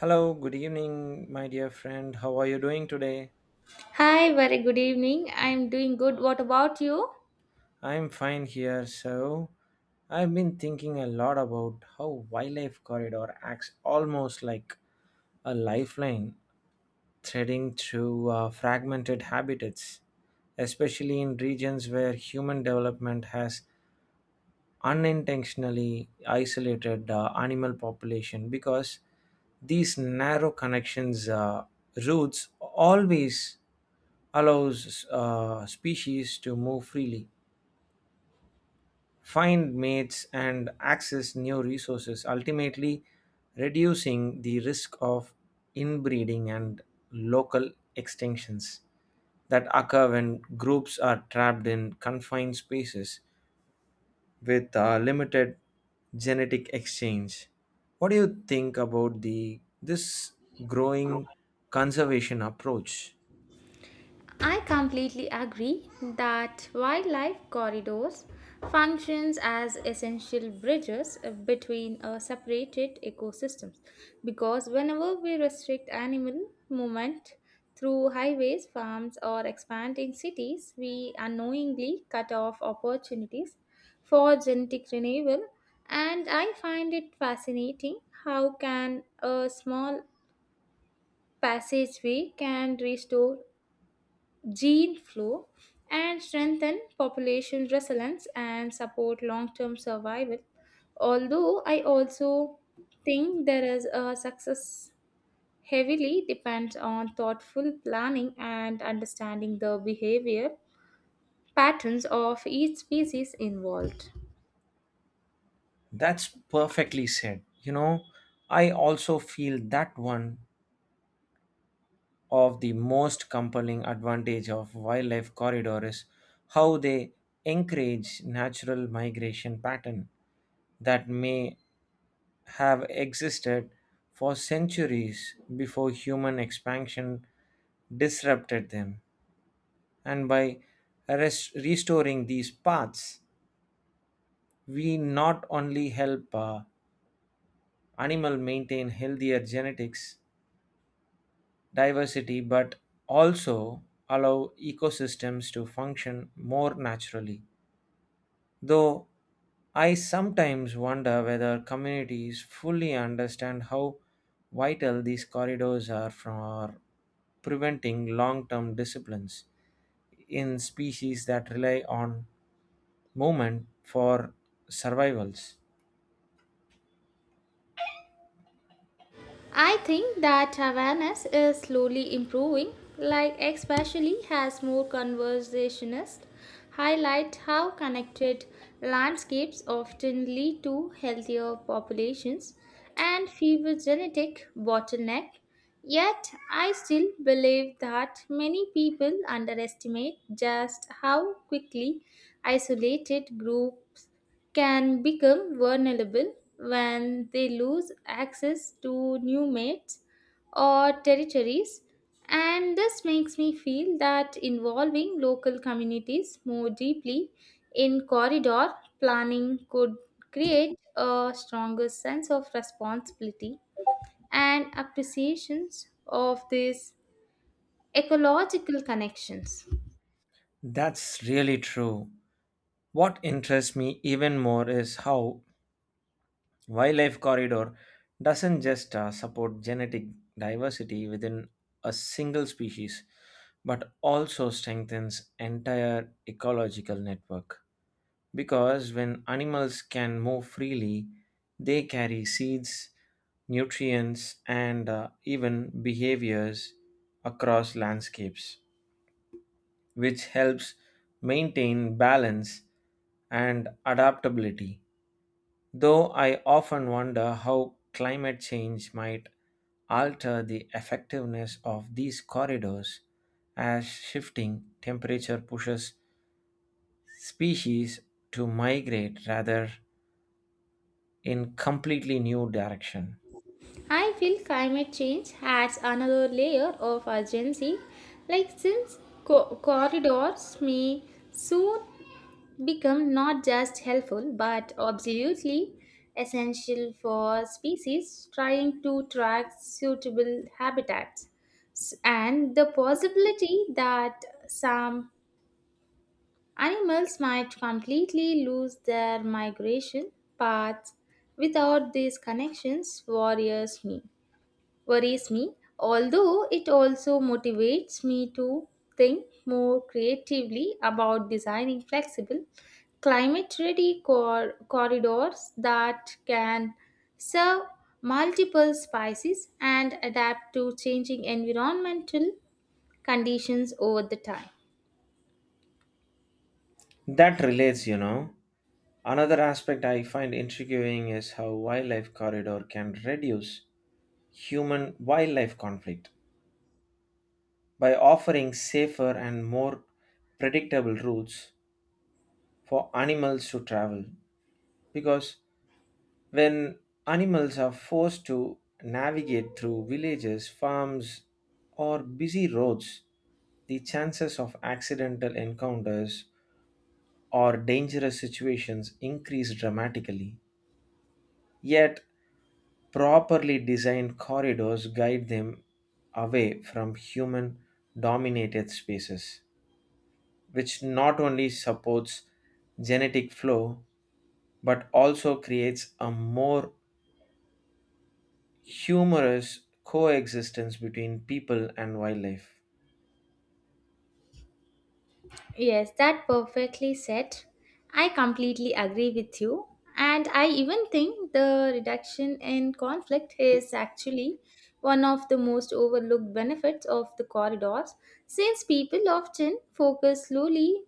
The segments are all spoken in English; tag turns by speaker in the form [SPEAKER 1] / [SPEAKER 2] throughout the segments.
[SPEAKER 1] Hello, good evening, my dear friend. How are you doing today?
[SPEAKER 2] Hi, very good evening. I'm doing good. What about you?
[SPEAKER 1] I'm fine here. So, I've been thinking a lot about how wildlife corridor acts almost like a lifeline threading through fragmented habitats, especially in regions where human development has unintentionally isolated animal population because these narrow connections routes always allows species to move freely, find mates, and access new resources, ultimately reducing the risk of inbreeding and local extinctions that occur when groups are trapped in confined spaces with limited genetic exchange. What do you think about the this growing conservation approach?
[SPEAKER 2] I completely agree that wildlife corridors functions as essential bridges between separated ecosystems because whenever we restrict animal movement through highways, farms or expanding cities, we unknowingly cut off opportunities for genetic renewal. And I find it fascinating how can a small passageway can restore gene flow and strengthen population resilience and support long-term survival, although I also think there is a success heavily depends on thoughtful planning and understanding the behavior patterns of each species involved.
[SPEAKER 1] That's perfectly said. You know, I also feel that one of the most compelling advantage of wildlife corridor is how they encourage natural migration pattern that may have existed for centuries before human expansion disrupted them, and by restoring these paths, we not only help animal maintain healthier genetics diversity but also allow ecosystems to function more naturally, though I sometimes wonder whether communities fully understand how vital these corridors are for preventing long-term disciplines in species that rely on moment for survivals.
[SPEAKER 2] I think that awareness is slowly improving, like especially as more conversationalists highlight how connected landscapes often lead to healthier populations and fewer genetic bottleneck. Yet I still believe that many people underestimate just how quickly isolated groups can become vulnerable when they lose access to new mates or territories. And this makes me feel that involving local communities more deeply in corridor planning could create a stronger sense of responsibility and appreciations of these ecological connections.
[SPEAKER 1] That's really true. What interests me even more is how wildlife corridor doesn't just support genetic diversity within a single species, but also strengthens entire ecological network. Because when animals can move freely, they carry seeds, nutrients, and even behaviors across landscapes, which helps maintain balance and adaptability. Though I often wonder how climate change might alter the effectiveness of these corridors as shifting temperature pushes species to migrate rather in completely new direction.
[SPEAKER 2] I feel climate change adds another layer of urgency, like since corridors may soon become not just helpful but absolutely essential for species trying to track suitable habitats, and the possibility that some animals might completely lose their migration paths without these connections worries me, although it also motivates me to think more creatively about designing flexible, climate ready corridors that can serve multiple species and adapt to changing environmental conditions over the time.
[SPEAKER 1] That relates, you know, another aspect I find intriguing is how wildlife corridor can reduce human wildlife conflict by offering safer and more predictable routes for animals to travel. Because when animals are forced to navigate through villages, farms, or busy roads, the chances of accidental encounters or dangerous situations increase dramatically. Yet, properly designed corridors guide them away from human dominated spaces, which not only supports genetic flow but also creates a more humorous coexistence between people and wildlife.
[SPEAKER 2] Yes, that perfectly said. I completely agree with you. And I even think the reduction in conflict is actually one of the most overlooked benefits of the corridors, since people often focus slowly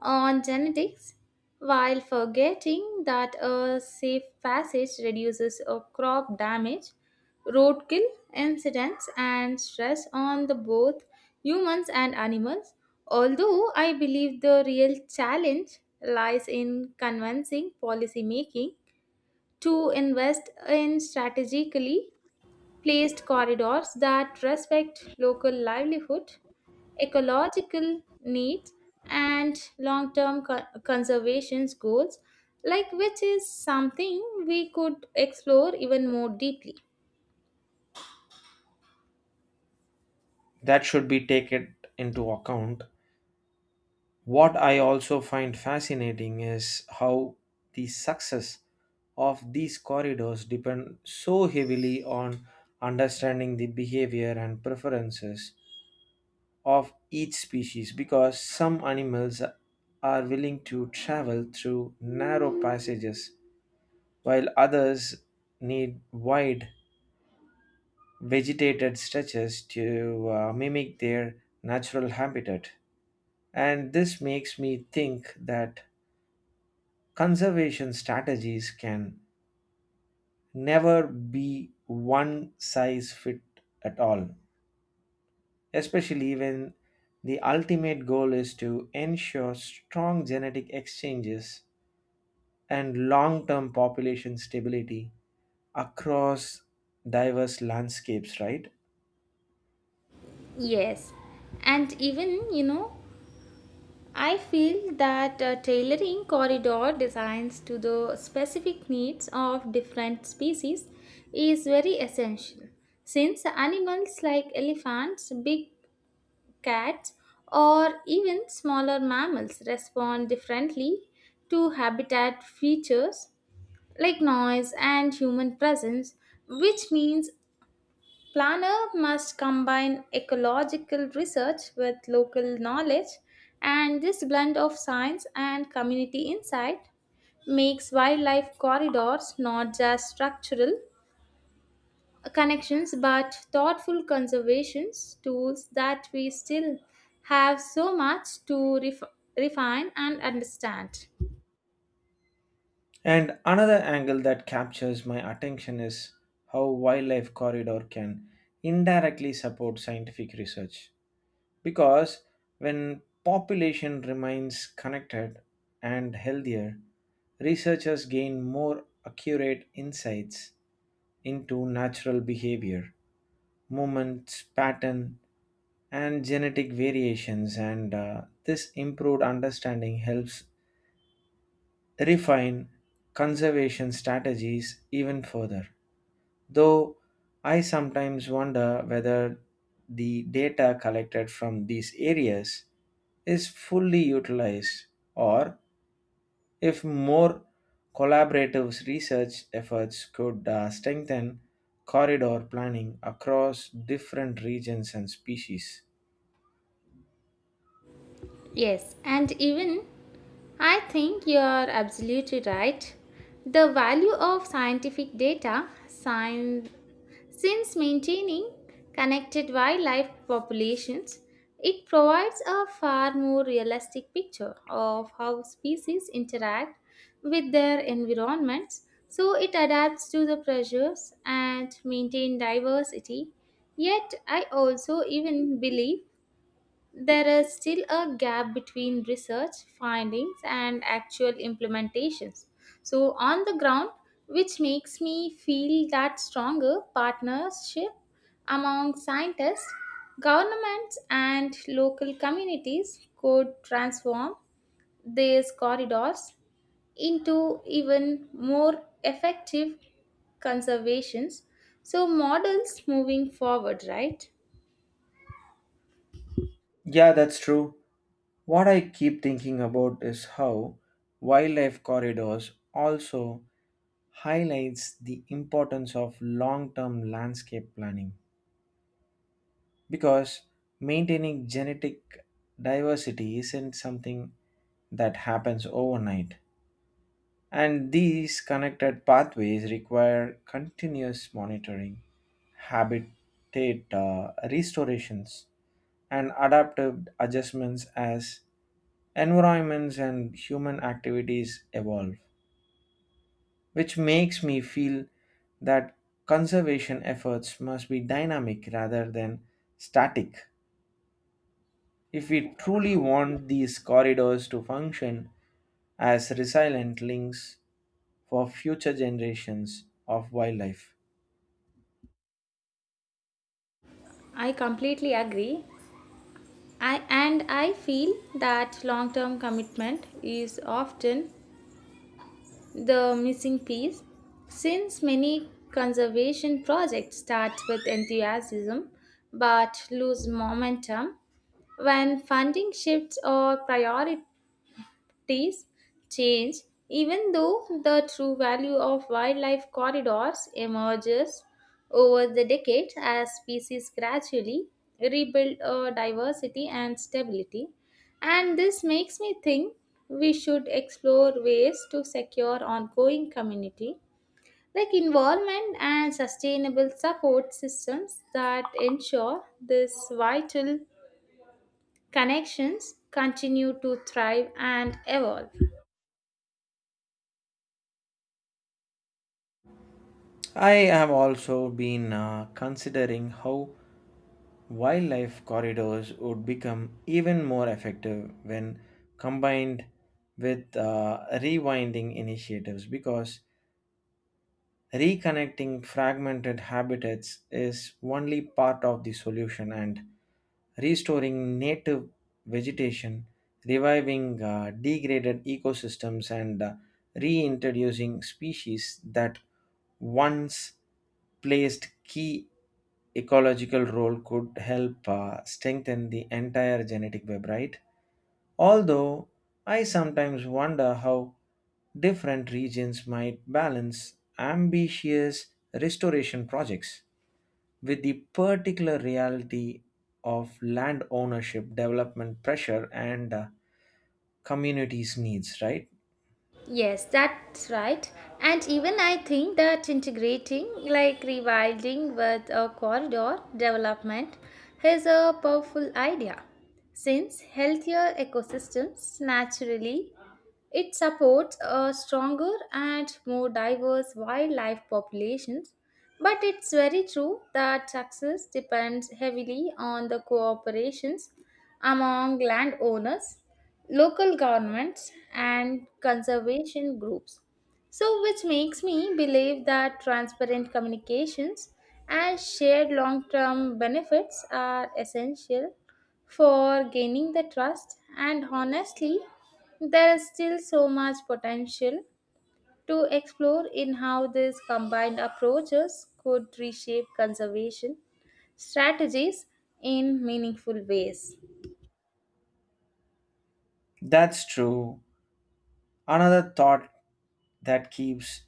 [SPEAKER 2] on genetics while forgetting that a safe passage reduces a crop damage, roadkill, incidents, and stress on the both humans and animals. Although I believe the real challenge lies in convincing policymaking to invest in strategically placed corridors that respect local livelihood, ecological needs, and long term conservation goals, like which is something we could explore even more deeply.
[SPEAKER 1] That should be taken into account. What I also find fascinating is how the success of these corridors depend so heavily on understanding the behavior and preferences of each species, because some animals are willing to travel through narrow passages while others need wide vegetated stretches to mimic their natural habitat. And this makes me think that conservation strategies can never be one size fit at all, especially when the ultimate goal is to ensure strong genetic exchanges and long term population stability across diverse landscapes, right?
[SPEAKER 2] Yes, and even you know, I feel that tailoring corridor designs to the specific needs of different species is very essential, since animals like elephants, big cats, or even smaller mammals respond differently to habitat features like noise and human presence, which means planner must combine ecological research with local knowledge, and this blend of science and community insight makes wildlife corridors not just structural connections but thoughtful conservation tools that we still have so much to refine and understand.
[SPEAKER 1] And another angle that captures my attention is how wildlife corridor can indirectly support scientific research, because when population remains connected and healthier, researchers gain more accurate insights into natural behavior, movements pattern, and genetic variations, and this improved understanding helps refine conservation strategies even further. Though I sometimes wonder whether the data collected from these areas is fully utilized, or if more collaborative research efforts could strengthen corridor planning across different regions and species.
[SPEAKER 2] Yes, and even I think you are absolutely right. The value of scientific data science, since maintaining connected wildlife populations, it provides a far more realistic picture of how species interact with their environments. So it adapts to the pressures and maintain diversity. Yet I also even believe there is still a gap between research findings and actual implementations. So, on the ground, which makes me feel that stronger partnership among scientists, governments, and local communities could transform these corridors into even more effective conservations. So, models moving forward, right?
[SPEAKER 1] Yeah, that's true. What I keep thinking about is how wildlife corridors also highlights the importance of long-term landscape planning, because maintaining genetic diversity isn't something that happens overnight, and these connected pathways require continuous monitoring, habitat restorations, and adaptive adjustments as environments and human activities evolve, which makes me feel that conservation efforts must be dynamic rather than static, if we truly want these corridors to function as resilient links for future generations of wildlife.
[SPEAKER 2] I completely agree. I feel that long-term commitment is often the missing piece, since many conservation projects start with enthusiasm but lose momentum when funding shifts or priorities trees change, even though the true value of wildlife corridors emerges over the decades as species gradually rebuild diversity and stability. And this makes me think we should explore ways to secure ongoing community, like involvement and sustainable support systems that ensure these vital connections continue to thrive and evolve.
[SPEAKER 1] I have also been considering how wildlife corridors would become even more effective when combined with rewinding initiatives, because reconnecting fragmented habitats is only part of the solution, and restoring native vegetation, reviving degraded ecosystems, and reintroducing species that once placed key ecological role could help strengthen the entire genetic web, right? Although I sometimes wonder how different regions might balance ambitious restoration projects with the particular reality of land ownership, development pressure, and communities' needs, right?
[SPEAKER 2] Yes, that's right. And even I think that integrating, like rewilding with a corridor development, is a powerful idea. Since healthier ecosystems naturally it supports a stronger and more diverse wildlife populations, but it's very true that success depends heavily on the cooperations among landowners, local governments, and conservation groups. So, which makes me believe that transparent communications and shared long term benefits are essential for gaining the trust, and honestly there is still so much potential to explore in how these combined approaches could reshape conservation strategies in meaningful ways.
[SPEAKER 1] That's true. Another thought that keeps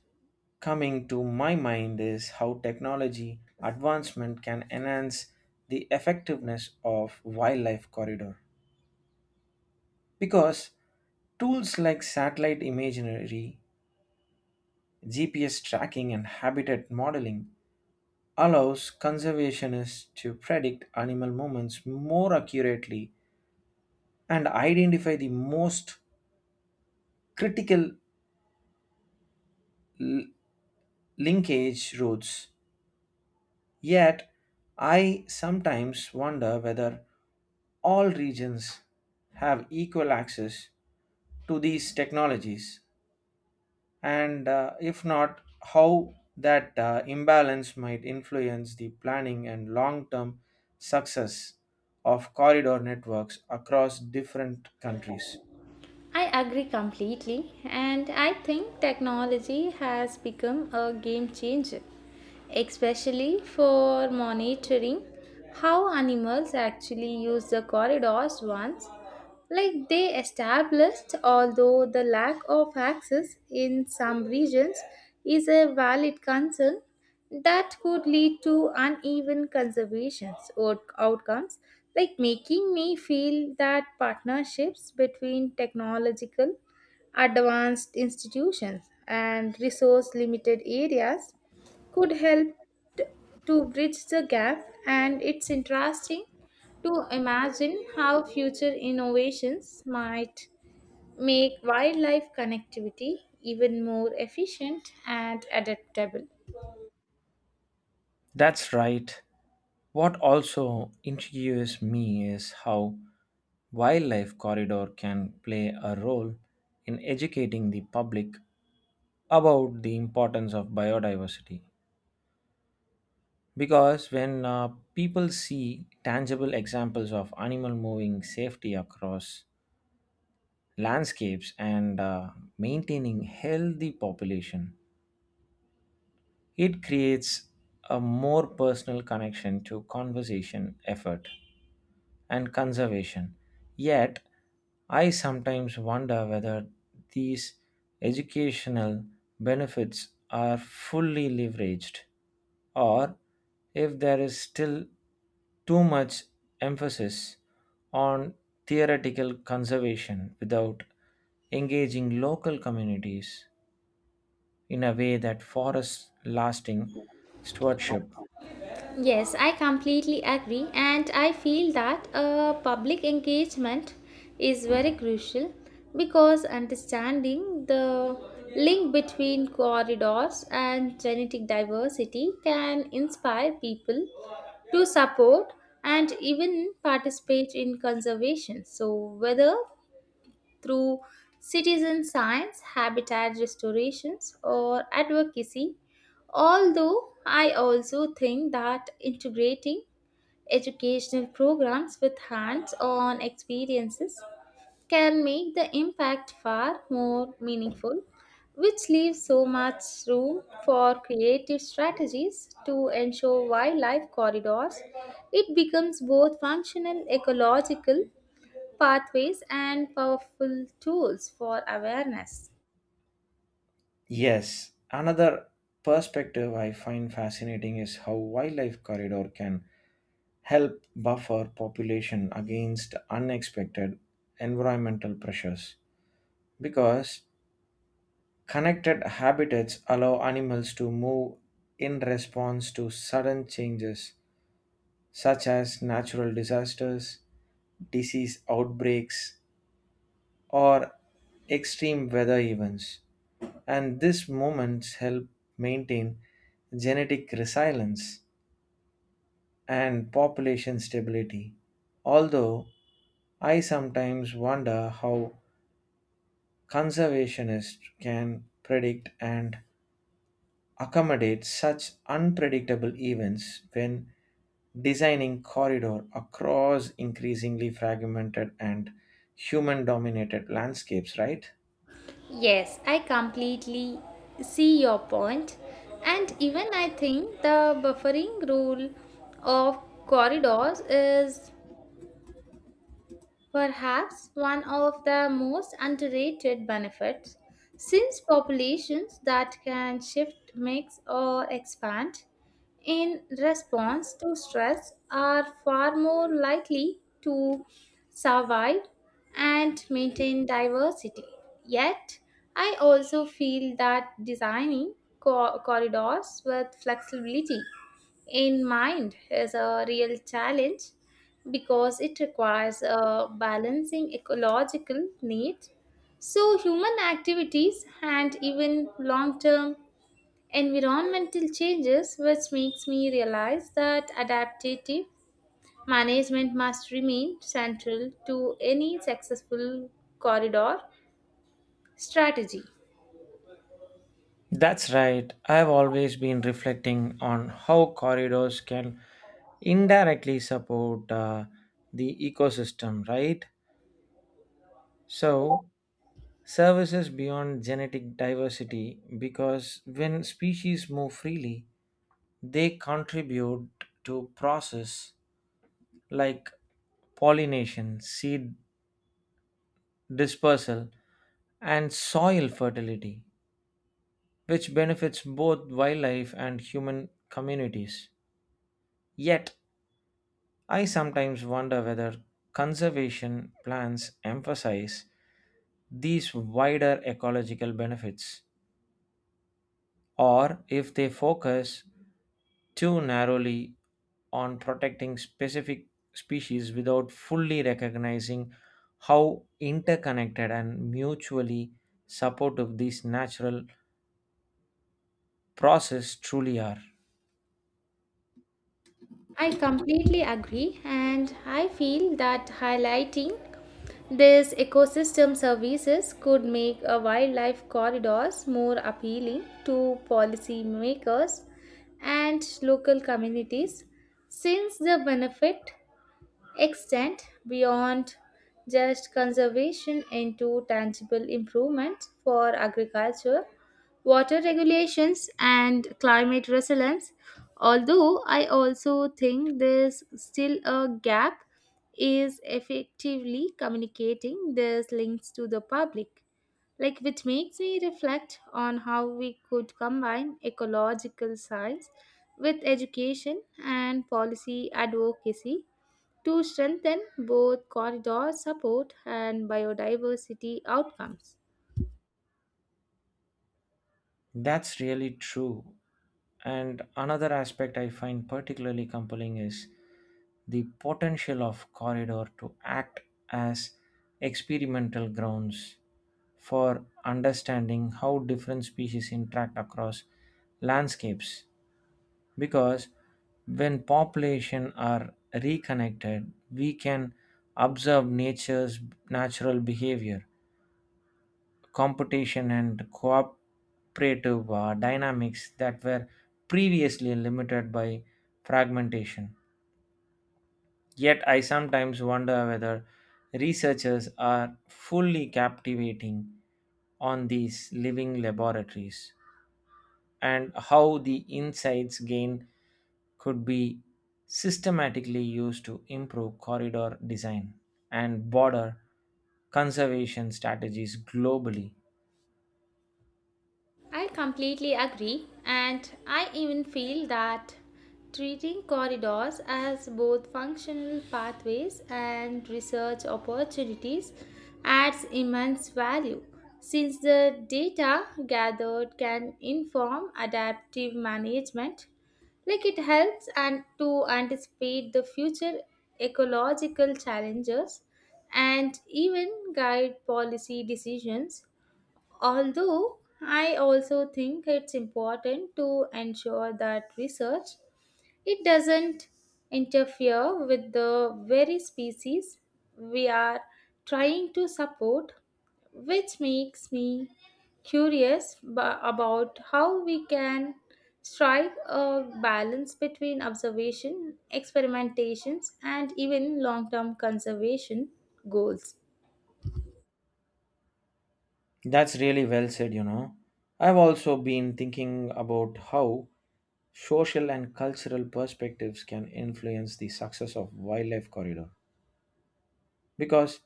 [SPEAKER 1] coming to my mind is how technology advancement can enhance the effectiveness of wildlife corridor, because tools like satellite imagery, gps tracking, and habitat modeling allows conservationists to predict animal movements more accurately and identify the most critical l- linkage routes. Yet, I sometimes wonder whether all regions have equal access to these technologies. And if not, how that imbalance might influence the planning and long term success of corridor networks across different countries.
[SPEAKER 2] I agree completely, and I think technology has become a game changer, especially for monitoring how animals actually use the corridors once. Like they established, although the lack of access in some regions is a valid concern that could lead to uneven conservations or outcomes, like making me feel that partnerships between technological advanced institutions and resource limited areas could help t- to bridge the gap. And it's interesting to imagine how future innovations might make wildlife connectivity even more efficient and adaptable.
[SPEAKER 1] That's right. What also intrigues me is how wildlife corridor can play a role in educating the public about the importance of biodiversity. Because when people see tangible examples of animal moving safely across landscapes and maintaining healthy population, it creates a more personal connection to conservation effort and conservation. Yet, I sometimes wonder whether these educational benefits are fully leveraged, or if there is still too much emphasis on theoretical conservation without engaging local communities in a way that forests lasting stewardship.
[SPEAKER 2] Yes, I completely agree, and I feel that public engagement is very crucial, because understanding the link between corridors and genetic diversity can inspire people to support and even participate in conservation. So, whether through citizen science, habitat restorations, or advocacy. Although I also think that integrating educational programs with hands on experiences can make the impact far more meaningful, which leaves so much room for creative strategies to ensure wildlife corridors. It becomes both functional, ecological, pathways, and powerful tools for awareness.
[SPEAKER 1] Yes, another perspective I find fascinating is how wildlife corridor can help buffer population against unexpected environmental pressures, because connected habitats allow animals to move in response to sudden changes such as natural disasters, disease outbreaks, or extreme weather events. And these moments help maintain genetic resilience and population stability. Although I sometimes wonder how conservationists can predict and accommodate such unpredictable events when designing corridor across increasingly fragmented and human dominated landscapes, right?
[SPEAKER 2] Yes, I completely see your point, and even I think the buffering rule of corridors is perhaps one of the most underrated benefits, since populations that can shift, mix, or expand in response to stress are far more likely to survive and maintain diversity. Yet, I also feel that designing corridors with flexibility in mind is a real challenge, because it requires a balancing ecological needs so human activities and even long-term environmental changes, which makes me realize that adaptive management must remain central to any successful corridor strategy.
[SPEAKER 1] That's right. I've always been reflecting on how corridors can indirectly support the ecosystem, right? So, services beyond genetic diversity, because when species move freely, they contribute to process like pollination, seed dispersal, and soil fertility, which benefits both wildlife and human communities. Yet, I sometimes wonder whether conservation plans emphasize these wider ecological benefits, or if they focus too narrowly on protecting specific species without fully recognizing how interconnected and mutually supportive these natural processes truly are.
[SPEAKER 2] I completely agree, and I feel that highlighting these ecosystem services could make a wildlife corridors more appealing to policymakers and local communities, since the benefit extend beyond just conservation into tangible improvements for agriculture, water regulations, and climate resilience. Although I also think there's still a gap is effectively communicating these links to the public, like which makes me reflect on how we could combine ecological science with education and policy advocacy to strengthen both corridor support and biodiversity outcomes.
[SPEAKER 1] That's really true. And another aspect I find particularly compelling is the potential of corridor to act as experimental grounds for understanding how different species interact across landscapes, because when population are reconnected, we can observe nature's natural behavior, competition, and cooperative dynamics that were previously limited by fragmentation. Yet, I sometimes wonder whether researchers are fully captivating on these living laboratories, and how the insights gained could be systematically used to improve corridor design and border conservation strategies globally.
[SPEAKER 2] I completely agree, and I even feel that treating corridors as both functional pathways and research opportunities adds immense value, since the data gathered can inform adaptive management, like it helps and to anticipate the future ecological challenges and even guide policy decisions. Although I also think it's important to ensure that research it doesn't interfere with the very species we are trying to support, which makes me curious about how we can strike a balance between observation, experimentations, and even long term conservation goals.
[SPEAKER 1] That's really well said, you know. I've also been thinking about how social and cultural perspectives can influence the success of wildlife corridor, because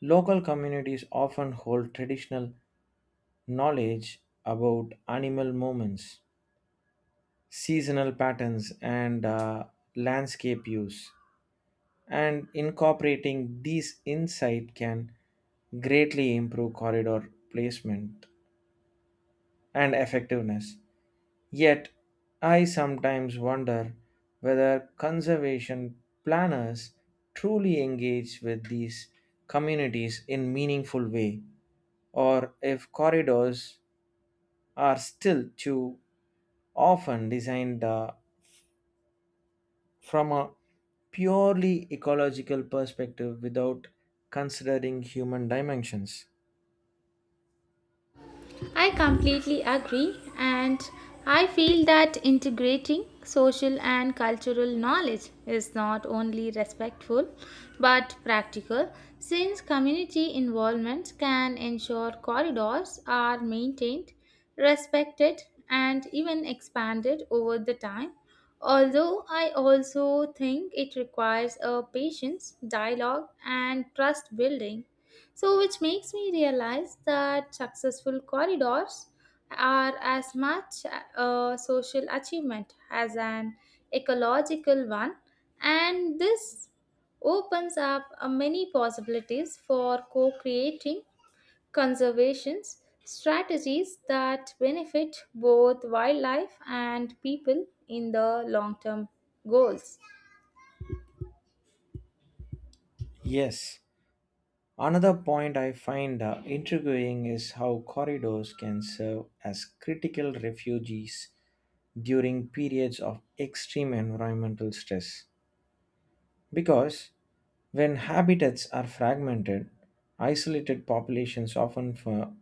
[SPEAKER 1] local communities often hold traditional knowledge about animal movements, seasonal patterns, and landscape use. And incorporating these insight can greatly improve corridor placement and effectiveness. Yet, I sometimes wonder whether conservation planners truly engage with these communities in meaningful way, or if corridors are still too often designed from a purely ecological perspective without considering human dimensions.
[SPEAKER 2] I completely agree, and I feel that integrating social and cultural knowledge is not only respectful but practical, since community involvement can ensure corridors are maintained, respected, and even expanded over the time. Although I also think it requires a patience, dialogue, and trust building, so, which makes me realize that successful corridors are as much a social achievement as an ecological one, and this opens up many possibilities for co creating conservation strategies that benefit both wildlife and people in the long term goals.
[SPEAKER 1] Yes, another point I find intriguing is how corridors can serve as critical refuges during periods of extreme environmental stress. Because when habitats are fragmented, isolated populations often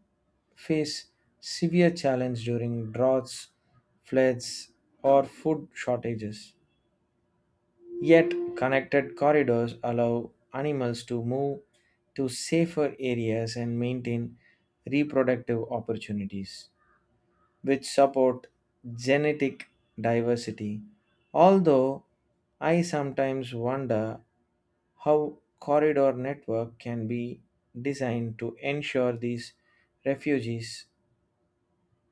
[SPEAKER 1] face severe challenge during droughts, floods, or food shortages. Yet, connected corridors allow animals to move to safer areas and maintain reproductive opportunities, which support genetic diversity. Although I sometimes wonder how corridor network can be designed to ensure these refugees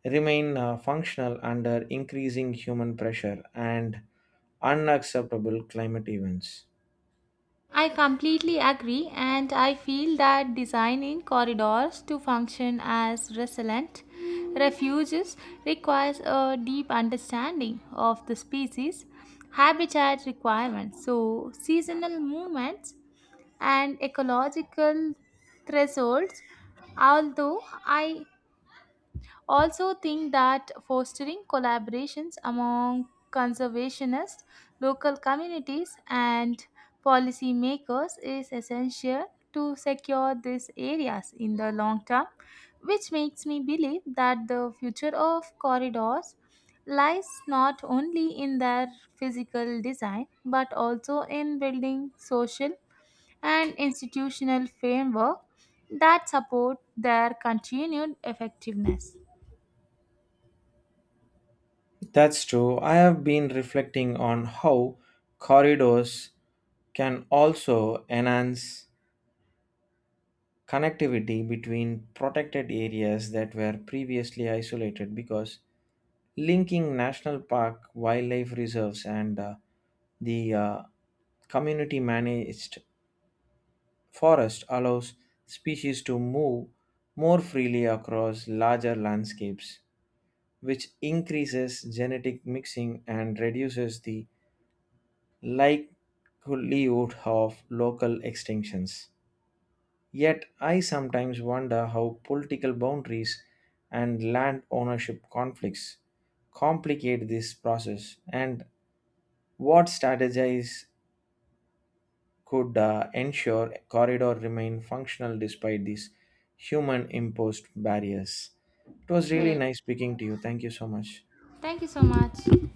[SPEAKER 1] remain functional under increasing human pressure and unacceptable climate events.
[SPEAKER 2] I completely agree, and I feel that designing corridors to function as resilient refuges requires a deep understanding of the species, habitat requirements, so seasonal movements, and ecological thresholds. Although I also think that fostering collaborations among conservationists, local communities, and policymakers is essential to secure these areas in the long term, which makes me believe that the future of corridors lies not only in their physical design but also in building social and institutional framework that support their continued effectiveness.
[SPEAKER 1] That's true. I have been reflecting on how corridors can also enhance connectivity between protected areas that were previously isolated, because linking national park, wildlife reserves, and the community managed forest allows species to move more freely across larger landscapes, which increases genetic mixing and reduces the likelihood of local extinctions. Yet I sometimes wonder how political boundaries and land ownership conflicts complicate this process, and what strategies could ensure corridor remain functional despite these human imposed barriers. It was really
[SPEAKER 2] Yes.
[SPEAKER 1] nice speaking to you. Thank you so much.
[SPEAKER 2] Thank you so much.